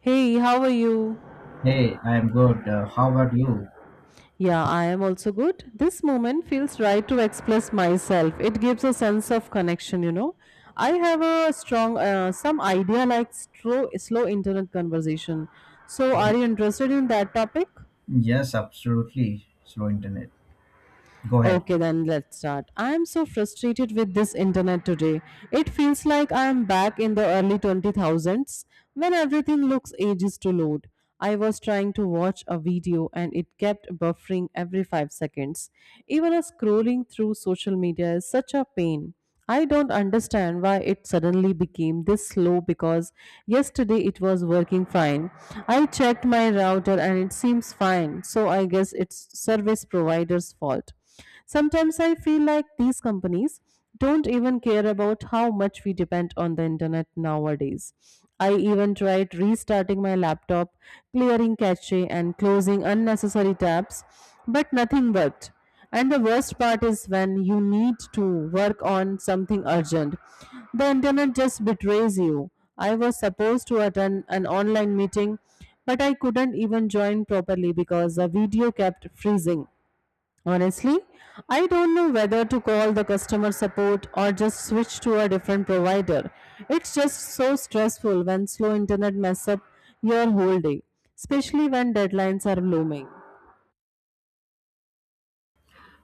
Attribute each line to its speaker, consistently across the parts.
Speaker 1: Hey, how are you?
Speaker 2: Hey, I'm good. How about you?
Speaker 1: Yeah, I am also good. This moment feels right to express myself. It gives a sense of connection, you know. I have a strong, some idea like slow internet conversation. So,
Speaker 2: Oh,
Speaker 1: are you interested in that topic?
Speaker 2: yes, absolutely. Slow internet. Go ahead.
Speaker 1: Okay, then let's start. I am so frustrated with this internet today. It feels like I am back in the early 2000s when everything looks ages to load. I was trying to watch a video and it kept buffering every 5 seconds. Even a scrolling through social media is such a pain. I don't understand why it suddenly became this slow because yesterday it was working fine. I checked my router and it seems fine, so I guess it's service provider's fault. Sometimes I feel like these companies don't even care about how much we depend on the internet nowadays. I even tried restarting my laptop, clearing cache, and closing unnecessary tabs, but nothing worked. And the worst part is when you need to work on something urgent. The internet just betrays you. I was supposed to attend an online meeting, but I couldn't even join properly because the video kept freezing. Honestly, I don't know whether to call the customer support or just switch to a different provider. It's just so stressful when slow internet mess up your whole day, especially when deadlines are looming.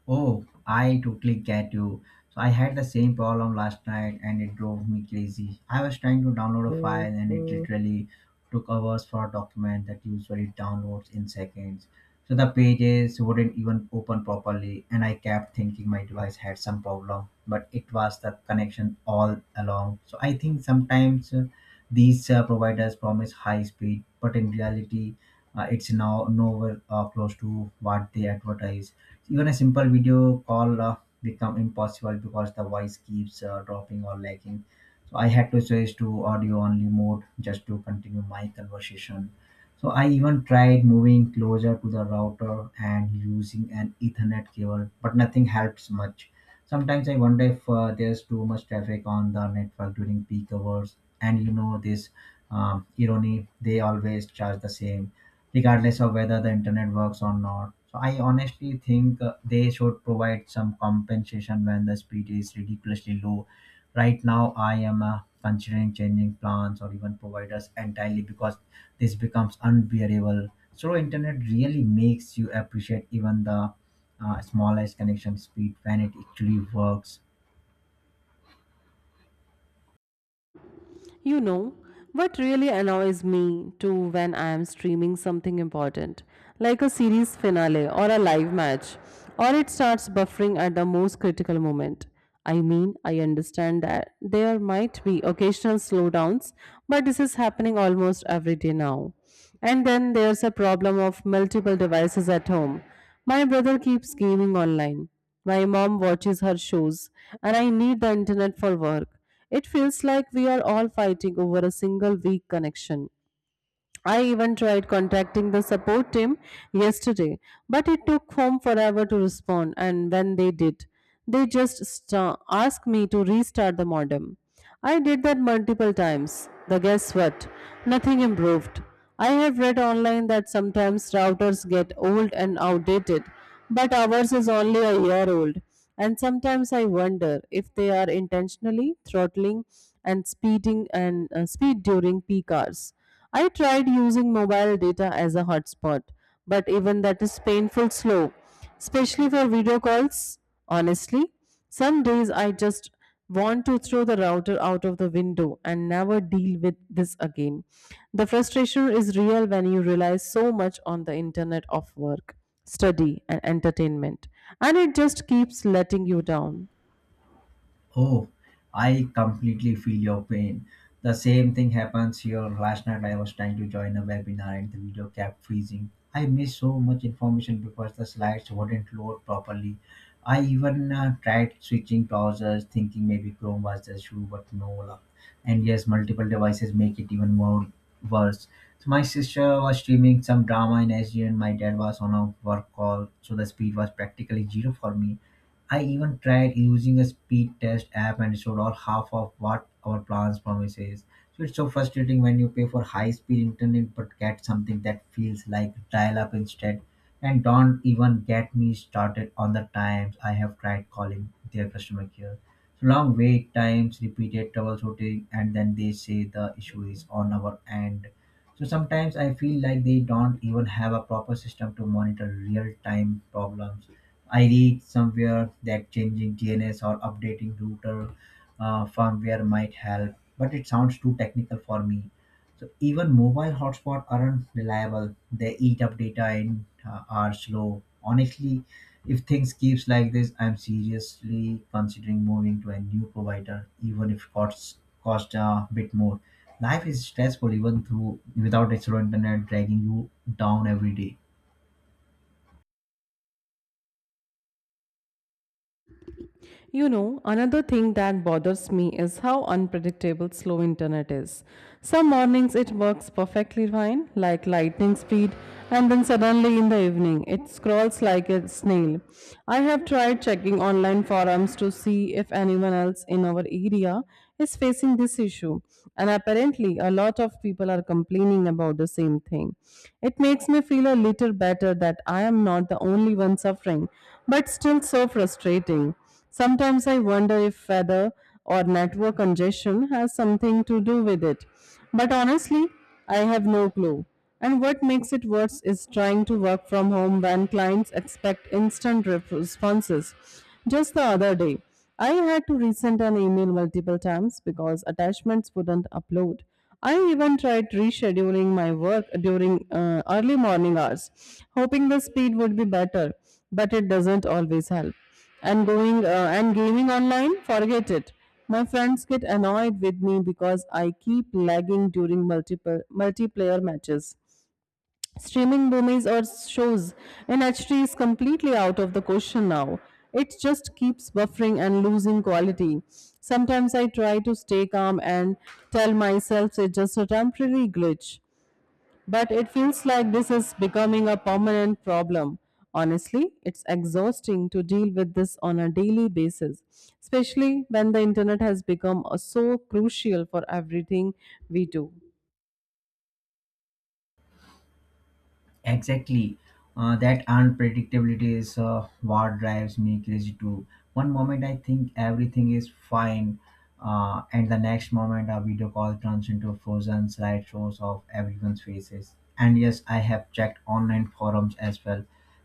Speaker 2: Oh, I totally get you. So I had the same problem last night and it drove me crazy. I was trying to download a file and it literally took hours for a document that usually downloads in seconds. So the pages wouldn't even open properly and I kept thinking my device had some problem, but it was the connection all along. So I think sometimes these providers promise high speed, but in reality, it's now nowhere close to what they advertise. Even a simple video call become impossible because the voice keeps dropping or lagging. So I had to switch to audio only mode just to continue my conversation. So I even tried moving closer to the router and using an ethernet cable, but nothing helps much. Sometimes I wonder if there's too much traffic on the network during peak hours, and you know this irony, they always charge the same regardless of whether the internet works or not. So I honestly think they should provide some compensation when the speed is ridiculously low. Right now, I am considering changing plans or even providers entirely because this becomes unbearable. Slow internet really makes you appreciate even the smallest connection speed when it actually works.
Speaker 1: You know, what really annoys me too when I am streaming something important, like a series finale or a live match, or it starts buffering at the most critical moment. I mean, I understand that there might be occasional slowdowns, but this is happening almost every day now. And then there's a problem of multiple devices at home. My brother keeps gaming online. My mom watches her shows, and I need the internet for work. It feels like we are all fighting over a single weak connection. I even tried contacting the support team yesterday, but it took home forever to respond. And when they did, they just sta asked me to restart the modem. I did that multiple times. The guess what? Nothing improved. I have read online that sometimes routers get old and outdated, but ours is only a year old. And sometimes I wonder if they are intentionally throttling and speeding and speed during peak hours. I tried using mobile data as a hotspot, but even that is painful slow, especially for video calls. Honestly, some days I just want to throw the router out of the window and never deal with this again. The frustration is real when you rely so much on the internet of work, study, and entertainment, and it just keeps letting you down.
Speaker 2: Oh, I completely feel your pain. The same thing happens here. Last night I was trying to join a webinar and the video kept freezing. I missed so much information because the slides wouldn't load properly. I even tried switching browsers, thinking maybe Chrome was the issue, but no luck. And yes, multiple devices make it even more worse. So my sister was streaming some drama in SG, and my dad was on a work call, so the speed was practically zero for me. I even tried using a speed test app and showed all half of what our plans promises. So it's so frustrating when you pay for high speed internet but get something that feels like dial up instead. And don't even get me started on the times I have tried calling their customer care. So long wait times, repeated troubleshooting, and then they say the issue is on our end. So sometimes I feel like they don't even have a proper system to monitor real time problems. I read somewhere that changing DNS or updating router firmware might help, but it sounds too technical for me. So even mobile hotspots aren't reliable. They eat up data and are slow. Honestly, if things keeps like this, I'm seriously considering moving to a new provider, even if costs cost a bit more. Life is stressful even through without a slow internet dragging you down every day.
Speaker 1: You know, another thing that bothers me is how unpredictable slow internet is. Some mornings it works perfectly fine, like lightning speed, and then suddenly in the evening it scrolls like a snail. I have tried checking online forums to see if anyone else in our area is facing this issue, and apparently a lot of people are complaining about the same thing. It makes me feel a little better that I am not the only one suffering, but still so frustrating. Sometimes I wonder if weather or network congestion has something to do with it. But honestly, I have no clue. And what makes it worse is trying to work from home when clients expect instant responses. Just the other day, I had to resend an email multiple times because attachments wouldn't upload. I even tried rescheduling my work during early morning hours, hoping the speed would be better, but it doesn't always help. And going and gaming online, forget it. My friends get annoyed with me because I keep lagging during multiple multiplayer matches. Streaming movies or shows in HD is completely out of the question now. It just keeps buffering and losing quality. Sometimes I try to stay calm and tell myself it's just a temporary glitch, but it feels like this is becoming a permanent problem. Honestly, it's exhausting to deal with this on a daily basis, especially when the internet has become so crucial for everything we do.
Speaker 2: Exactly. That unpredictability is what drives me crazy too. One moment I think everything is fine, and the next moment a video call turns into frozen slideshows of everyone's faces. And yes, I have checked online forums as well.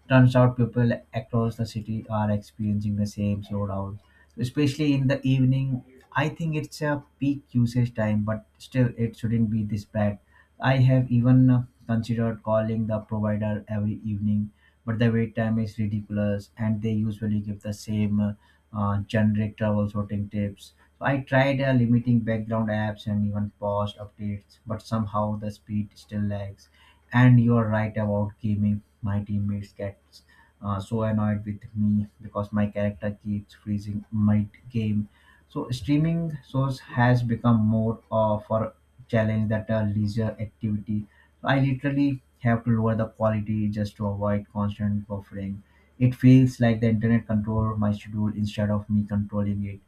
Speaker 2: Turns out people across the city are experiencing the same slowdown, especially in the evening. I think it's a peak usage time, but still, it shouldn't be this bad. I have even considered calling the provider every evening, but the wait time is ridiculous, and they usually give the same generic travel sorting tips. So I tried limiting background apps and even paused updates, but somehow the speed still lags. And you're right about gaming. My teammates get so annoyed with me because my character keeps freezing mid game. So streaming source has become more of for challenge that leisure activity. I literally have to lower the quality just to avoid constant buffering. It feels like the internet control my schedule instead of me controlling it.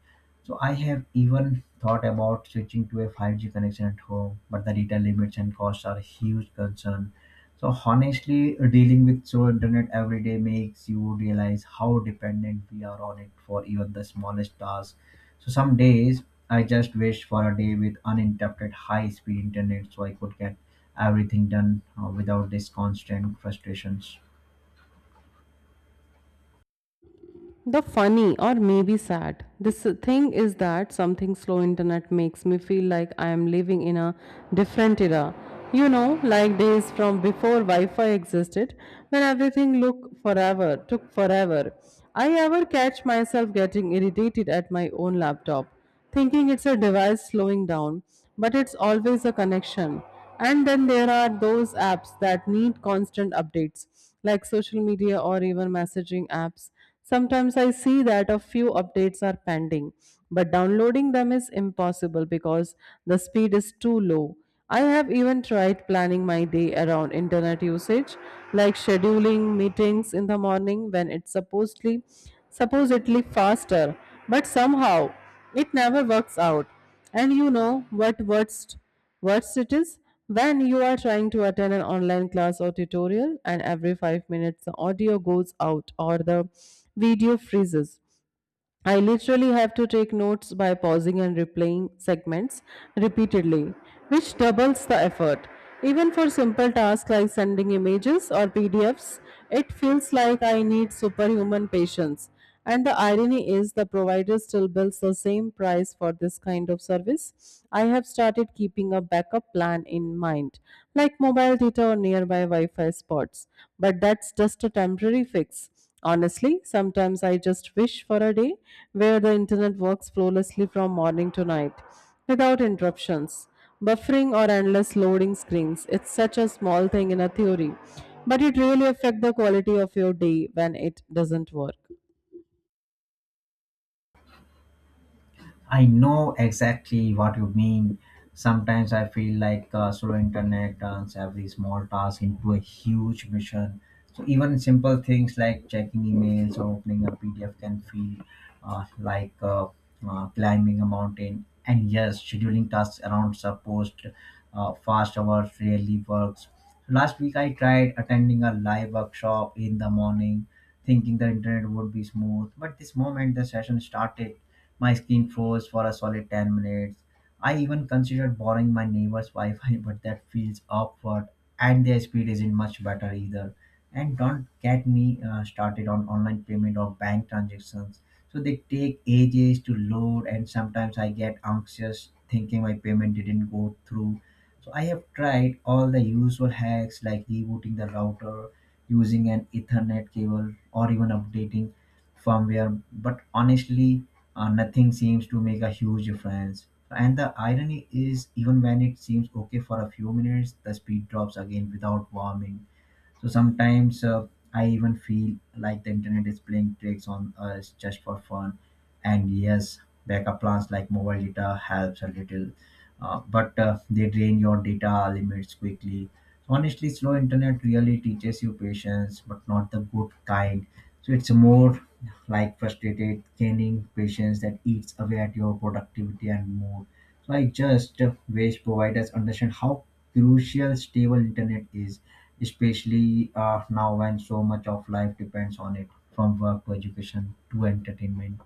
Speaker 2: So I have even thought about switching to a 5G connection at home, but the data limits and costs are a huge concern. So honestly, dealing with slow internet every day makes you realize how dependent we are on it for even the smallest tasks. So some days I just wished for a day with uninterrupted high speed internet so I could get everything done without these constant frustrations.
Speaker 1: The funny or maybe sad This thing is that something slow internet makes me feel like I am living in a different era. You know, like days from before Wi-Fi existed, when everything looked forever, took forever. I ever catch myself getting irritated at my own laptop thinking it's a device slowing down, but it's always a connection. And then there are those apps that need constant updates, like social media or even messaging apps. Sometimes I see that a few updates are pending, but downloading them is impossible because the speed is too low. I have even tried planning my day around internet usage, like scheduling meetings in the morning when it's supposedly faster, but somehow it never works out. And you know what worst it is? When you are trying to attend an online class or tutorial and every 5 minutes the audio goes out or the video freezes. I literally have to take notes by pausing and replaying segments repeatedly, which doubles the effort. Even for simple tasks like sending images or PDFs, it feels like I need superhuman patience. And the irony is, the provider still bills the same price for this kind of service. I have started keeping a backup plan in mind, like mobile data or nearby Wi Fi spots. But that's just a temporary fix. Honestly, sometimes I just wish for a day where the internet works flawlessly from morning to night without interruptions, buffering, or endless loading screens. It's such a small thing in a theory, but it really affects the quality of your day when it doesn't work.
Speaker 2: I know exactly what you mean. Sometimes I feel like slow internet turns every small task into a huge mission. So even simple things like checking emails or opening a PDF can feel like climbing a mountain. And yes, scheduling tasks around supposed fast hours really works. Last week I tried attending a live workshop in the morning, thinking the internet would be smooth. But this moment the session started, my screen froze for a solid 10 minutes. I even considered borrowing my neighbor's Wi Fi, but that feels awkward, and their speed isn't much better either. And don't get me started on online payment or bank transactions. So they take ages to load, and sometimes I get anxious thinking my payment didn't go through. So I have tried all the usual hacks like rebooting the router, using an Ethernet cable, or even updating firmware. But honestly, nothing seems to make a huge difference. And the irony is, even when it seems okay for a few minutes, the speed drops again without warming. So sometimes I even feel like the internet is playing tricks on us just for fun. And yes, backup plans like mobile data helps a little, but they drain your data limits quickly. Honestly, slow internet really teaches you patience, but not the good kind. So it's more like frustrated, gaining patience that eats away at your productivity and mood. Like just wish providers understand how crucial stable internet is, especially now when so much of life depends on it, from work to education to entertainment.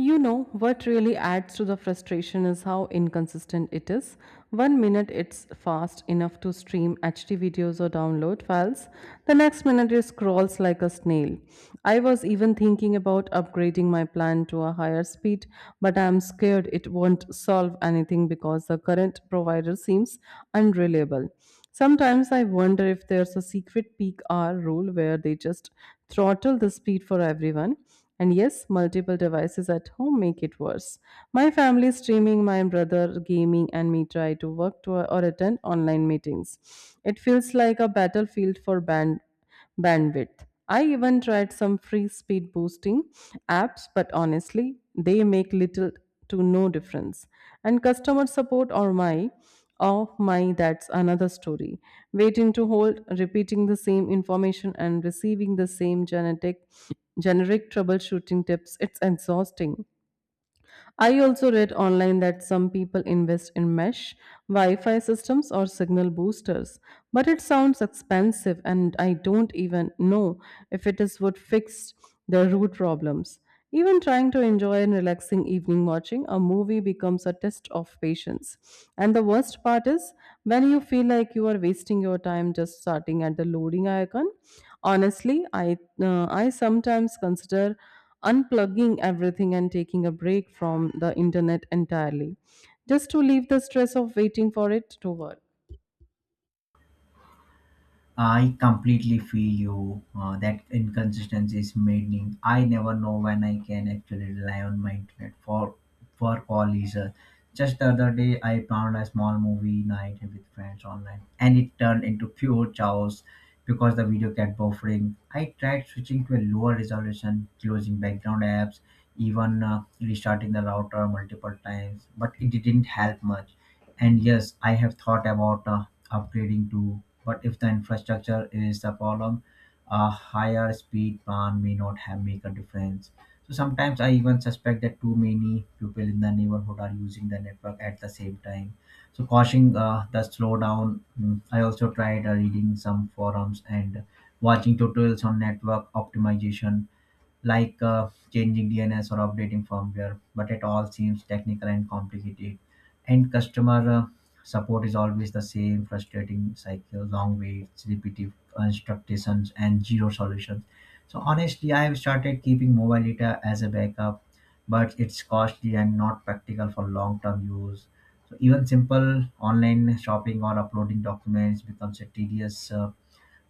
Speaker 1: You know, what really adds to the frustration is how inconsistent it is. 1 minute it's fast enough to stream HD videos or download files, the next minute it scrolls like a snail. I was even thinking about upgrading my plan to a higher speed, but I'm scared it won't solve anything because the current provider seems unreliable. Sometimes I wonder if there's a secret peak hour rule where they just throttle the speed for everyone. And yes, multiple devices at home make it worse. My family streaming, my brother gaming, and me try to work to or attend online meetings. It feels like a battlefield for bandwidth. I even tried some free speed boosting apps, but honestly, they make little to no difference. And customer support, or my oh my, that's another story. Waiting to hold, repeating the same information and receiving the same genetic generic troubleshooting tips, it's exhausting. I also read online that some people invest in mesh, Wi Fi systems, or signal boosters, but it sounds expensive and I don't even know if it is would fix the root problems. Even trying to enjoy a relaxing evening watching a movie becomes a test of patience. And the worst part is when you feel like you are wasting your time just starting at the loading icon. Honestly, I sometimes consider unplugging everything and taking a break from the internet entirely, just to leave the stress of waiting for it to work.
Speaker 2: I completely feel you. That inconsistency is maddening. I never know when I can actually rely on my internet for all reasons. Just the other day, I planned a small movie night with friends online, and it turned into pure chaos because the video kept buffering. I tried switching to a lower resolution, closing background apps, even restarting the router multiple times, but it didn't help much. And yes, I have thought about upgrading to, but if the infrastructure is the problem, a higher speed plan may not have make a difference. So sometimes I even suspect that too many people in the neighborhood are using the network at the same time, so causing the slowdown. I also tried reading some forums and watching tutorials on network optimization like changing DNS or updating firmware, but it all seems technical and complicated. And customer support is always the same frustrating cycle, long waits, repetitive instructions, and zero solutions. So, honestly, I have started keeping mobile data as a backup, but it's costly and not practical for long term use. So, even simple online shopping or uploading documents becomes a tedious. Uh,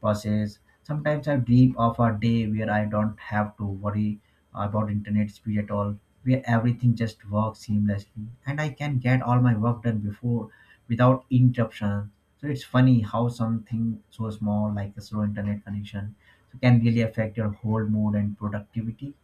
Speaker 2: process. Sometimes I dream of a day where I don't have to worry about internet speed at all, where everything just works seamlessly and I can get all my work done before without interruption. So it's funny how something so small like a slow internet connection so can really affect your whole mood and productivity.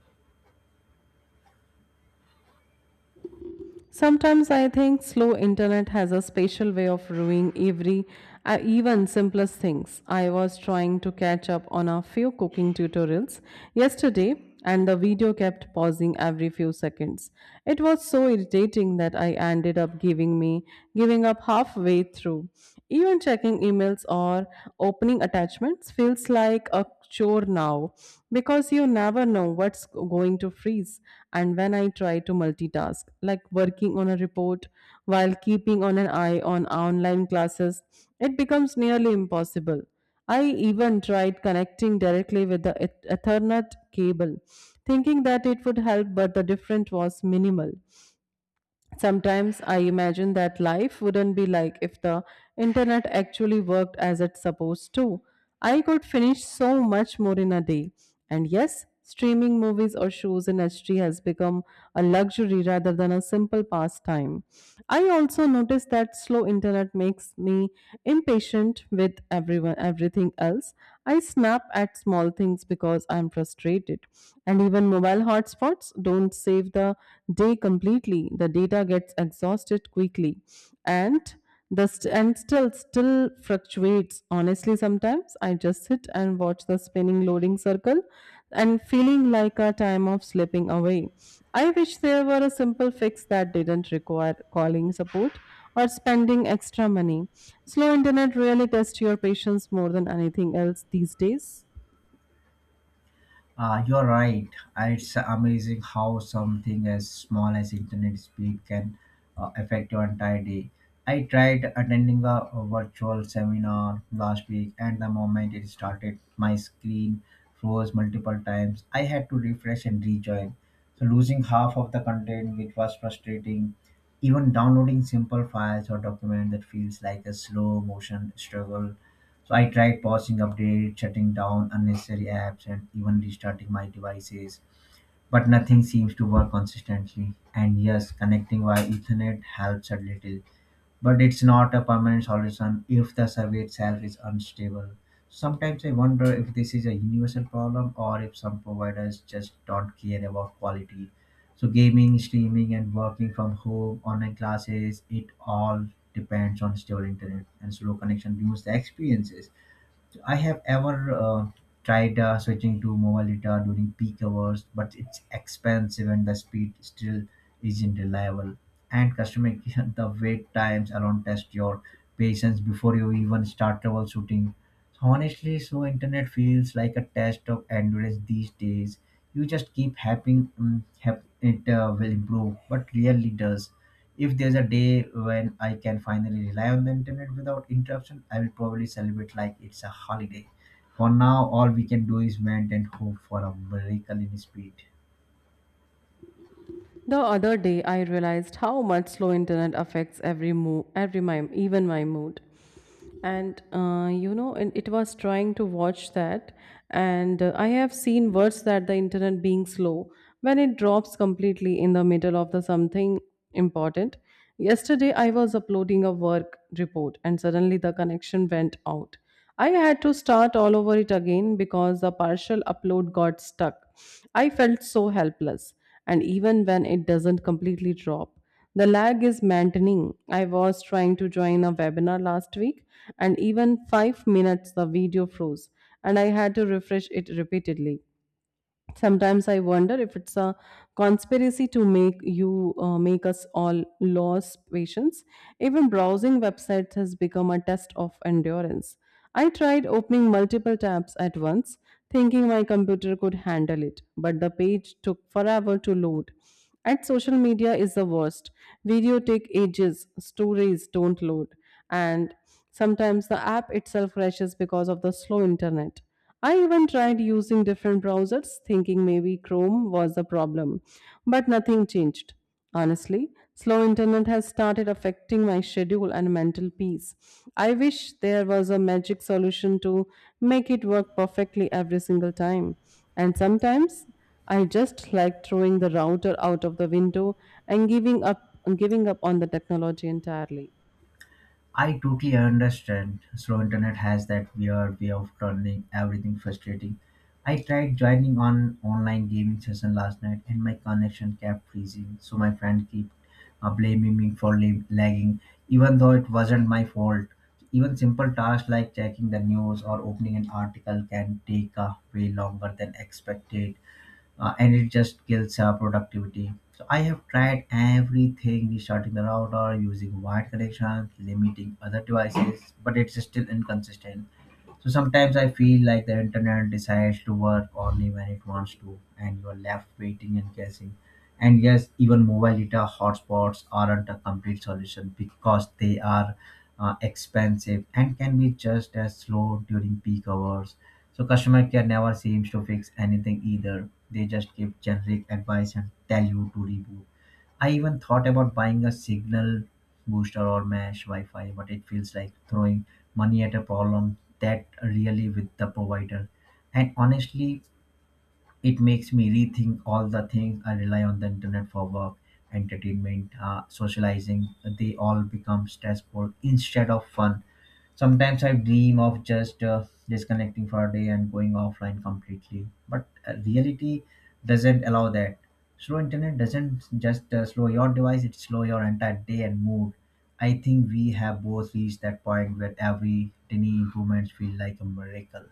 Speaker 1: Sometimes I think slow internet has a special way of ruining even simplest things. I was trying to catch up on a few cooking tutorials yesterday and the video kept pausing every few seconds. It was so irritating that I ended up giving up halfway through. Even checking emails or opening attachments feels like a chore now because you never know what's going to freeze. And when I try to multitask, like working on a report while keeping on an eye on online classes, it becomes nearly impossible. I even tried connecting directly with the Ethernet cable, thinking that it would help, but the difference was minimal. Sometimes I imagine that life wouldn't be like if the internet actually worked as it's supposed to. I could finish so much more in a day. And yes, streaming movies or shows in HD has become a luxury rather than a simple pastime. I also notice that slow internet makes me impatient with everyone everything else. I snap at small things because I'm frustrated. And even mobile hotspots don't save the day completely. The data gets exhausted quickly. And the st- and still still fluctuates. Honestly, sometimes I just sit and watch the spinning loading circle and feeling like a time of slipping away. I wish there were a simple fix that didn't require calling support or spending extra money. Slow internet really tests your patience more than anything else these days.
Speaker 2: You're right. It's amazing how something as small as internet speed can affect your entire day. I tried attending a virtual seminar last week, and the moment it started, my screen froze multiple times. I had to refresh and rejoin, so losing half of the content, which was frustrating. Even downloading simple files or documents that feels like a slow motion struggle. So I tried pausing updates, shutting down unnecessary apps, and even restarting my devices, but nothing seems to work consistently. And yes, connecting via Ethernet helps a little, but it's not a permanent solution if the survey itself is unstable. Sometimes I wonder if this is a universal problem or if some providers just don't care about quality. So, gaming, streaming, and working from home, online classes, it all depends on stable internet, and slow connection ruins the experiences. I have ever tried switching to mobile data during peak hours, but it's expensive and the speed still isn't reliable. And customer care, the wait times alone test your patience before you even start troubleshooting. So honestly, so internet feels like a test of endurance these days. You just keep hoping it will improve, but rarely does. If there's a day when I can finally rely on the internet without interruption, I will probably celebrate like it's a holiday. For now, all we can do is wait and hope for a miracle in speed.
Speaker 1: The other day, I realized how much slow internet affects every move, even my mood. And it was trying to watch that, and I have seen words that the internet being slow when it drops completely in the middle of the something important. Yesterday, I was uploading a work report, and suddenly the connection went out. I had to start all over it again because the partial upload got stuck. I felt so helpless, and even when it doesn't completely drop, the lag is maddening. I was trying to join a webinar last week, and even 5 minutes the video froze, and I had to refresh it repeatedly. Sometimes I wonder if it's a conspiracy to make us all lose patience. Even browsing websites has become a test of endurance. I tried opening multiple tabs at once, thinking my computer could handle it, but the page took forever to load. And social media is the worst. Video take ages, stories don't load, and sometimes the app itself crashes because of the slow internet. I even tried using different browsers, thinking maybe Chrome was the problem, but nothing changed. Honestly, slow internet has started affecting my schedule and mental peace. I wish there was a magic solution to make it work perfectly every single time. And sometimes I just like throwing the router out of the window and giving up on the technology entirely.
Speaker 2: I totally understand. Slow internet has that weird way of turning everything frustrating. I tried joining on online gaming session last night and my connection kept freezing. So my friend kept blaming me for lagging, even though it wasn't my fault. Even simple tasks like checking the news or opening an article can take way longer than expected, and it just kills productivity. So I have tried everything: restarting the router, using wired connections, limiting other devices, but it's still inconsistent. So sometimes I feel like the internet decides to work only when it wants to, and you're left waiting and guessing. And yes, even mobile data hotspots aren't a complete solution because they are expensive and can be just as slow during peak hours. So customer care never seems to fix anything either. They just give generic advice and tell you to reboot. I even thought about buying a signal booster or mesh Wi-Fi, but it feels like throwing money at a problem that really with the provider. And honestly, it makes me rethink all the things I rely on the internet for: work, entertainment, socializing. They all become stressful instead of fun. Sometimes I dream of just disconnecting for a day and going offline completely, but reality doesn't allow that. Slow internet doesn't just slow your device, it slow your entire day and mood. I think we have both reached that point where every tiny improvements feel like a miracle.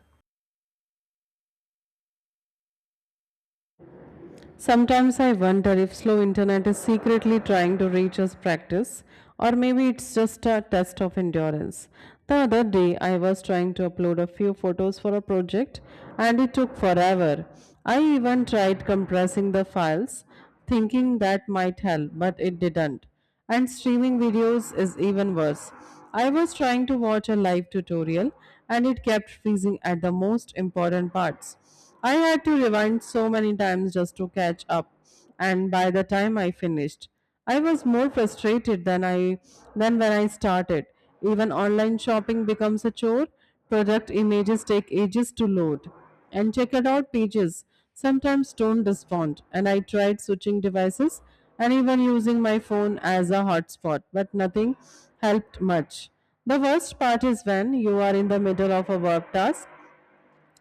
Speaker 1: Sometimes I wonder if slow internet is secretly trying to reach us practice, or maybe it's just a test of endurance. The other day, I was trying to upload a few photos for a project, and it took forever. I even tried compressing the files, thinking that might help, but it didn't. And streaming videos is even worse. I was trying to watch a live tutorial, and it kept freezing at the most important parts. I had to rewind so many times just to catch up, and by the time I finished, I was more frustrated than I than when I started. Even online shopping becomes a chore. Product images take ages to load, and checkout pages sometimes don't respond. And I tried switching devices and even using my phone as a hotspot, but nothing helped much. The worst part is when you are in the middle of a work task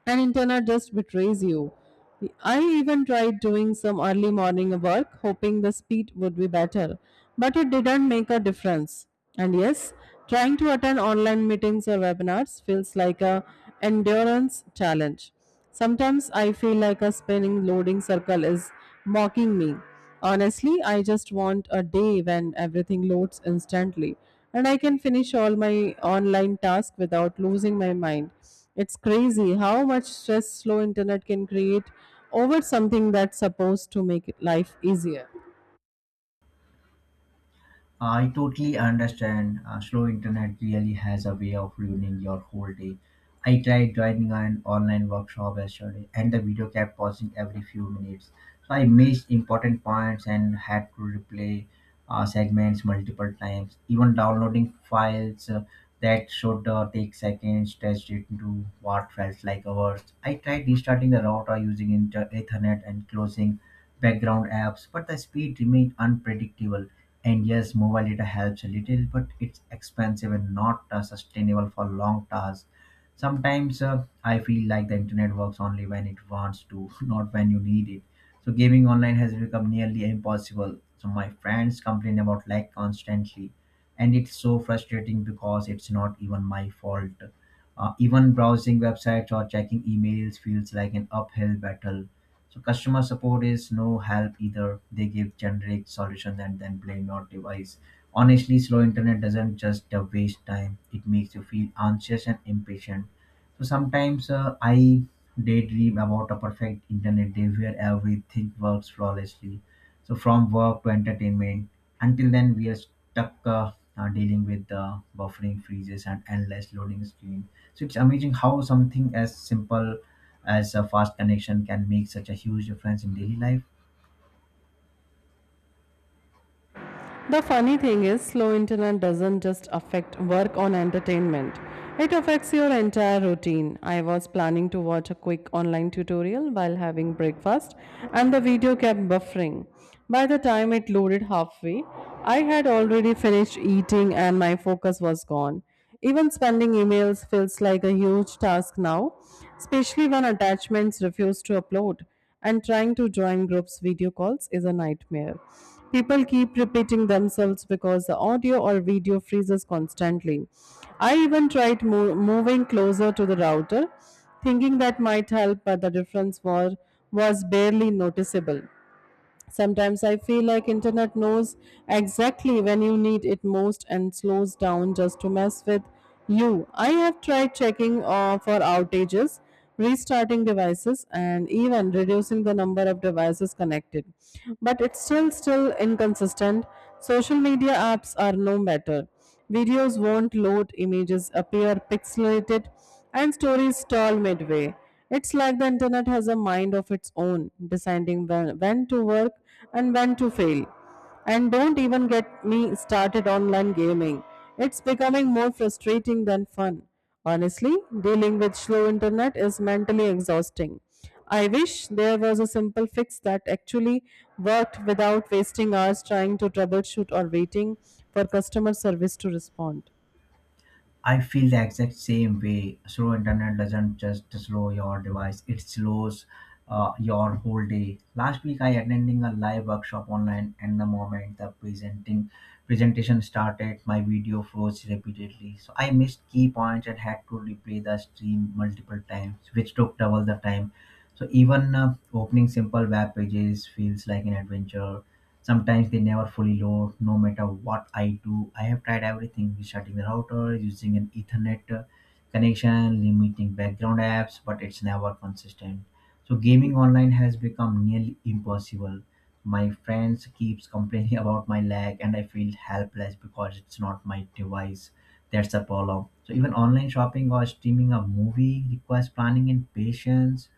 Speaker 1: and internet just betrays you. I even tried doing some early morning work, hoping the speed would be better, but it didn't make a difference. And yes, trying to attend online meetings or webinars feels like a endurance challenge. Sometimes I feel like a spinning loading circle is mocking me. Honestly, I just want a day when everything loads instantly and I can finish all my online tasks without losing my mind. It's crazy how much stress slow internet can create over something that's supposed to make life easier.
Speaker 2: I totally understand. Slow internet really has a way of ruining your whole day. I tried joining an online workshop yesterday, and the video kept pausing every few minutes. So I missed important points and had to replay segments multiple times. Even downloading files that should take seconds stretched it into what felt like hours. I tried restarting the router using Ethernet and closing background apps, but the speed remained unpredictable. And yes, mobile data helps a little, but it's expensive and not sustainable for long tasks. Sometimes I feel like the internet works only when it wants to, not when you need it. So gaming online has become nearly impossible. So my friends complain about lag constantly, and it's so frustrating because it's not even my fault. Even browsing websites or checking emails feels like an uphill battle. So customer support is no help either. They give generic solutions and then blame your device. Honestly, slow internet doesn't just waste time. It makes you feel anxious and impatient. So sometimes I daydream about a perfect internet day where everything works flawlessly. So from work to entertainment. Until then, we are stuck dealing with buffering freezes and endless loading screen. So it's amazing how something as simple as a fast connection can make such a huge difference in daily life.
Speaker 1: The funny thing is, slow internet doesn't just affect work on entertainment. It affects your entire routine. I was planning to watch a quick online tutorial while having breakfast, and the video kept buffering. By the time it loaded halfway, I had already finished eating and my focus was gone. Even spending emails feels like a huge task now, especially when attachments refuse to upload, and trying to join groups video calls is a nightmare. People keep repeating themselves because the audio or video freezes constantly. I even tried moving closer to the router, thinking that might help, but the was barely noticeable. Sometimes I feel like internet knows exactly when you need it most and slows down just to mess with you. I have tried checking for outages, restarting devices and even reducing the number of devices connected, but it's still inconsistent. Social media apps are no better. Videos won't load, images appear pixelated, and stories stall midway. It's like the internet has a mind of its own, deciding when to work and when to fail. And don't even get me started on online gaming. It's becoming more frustrating than fun. Honestly, dealing with slow internet is mentally exhausting. I wish there was a simple fix that actually worked without wasting hours trying to troubleshoot or waiting for customer service to respond.
Speaker 2: I feel the exact same way. Slow internet doesn't just slow your device; it slows your whole day. Last week, I attending a live workshop online, and the moment the presenting presentation started, my video froze repeatedly. So I missed key points and had to replay the stream multiple times, which took double the time. So even opening simple web pages feels like an adventure. Sometimes they never fully load, no matter what I do. I have tried everything restarting the router, using an Ethernet connection, limiting background apps, but it's never consistent. So gaming online has become nearly impossible. My friends keeps complaining about my lag and I feel helpless because it's not my device. That's the problem. So even online shopping or streaming a movie requires planning and patience.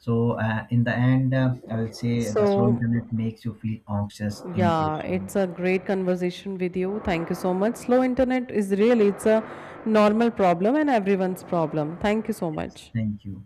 Speaker 2: So in the end, I will say the slow
Speaker 1: So,
Speaker 2: internet makes you feel anxious,
Speaker 1: yeah,
Speaker 2: impatient.
Speaker 1: it's a great conversation with you. Thank you so much. Slow internet is really it's a normal problem and everyone's problem. Thank you so
Speaker 2: Yes,
Speaker 1: much.
Speaker 2: thank you.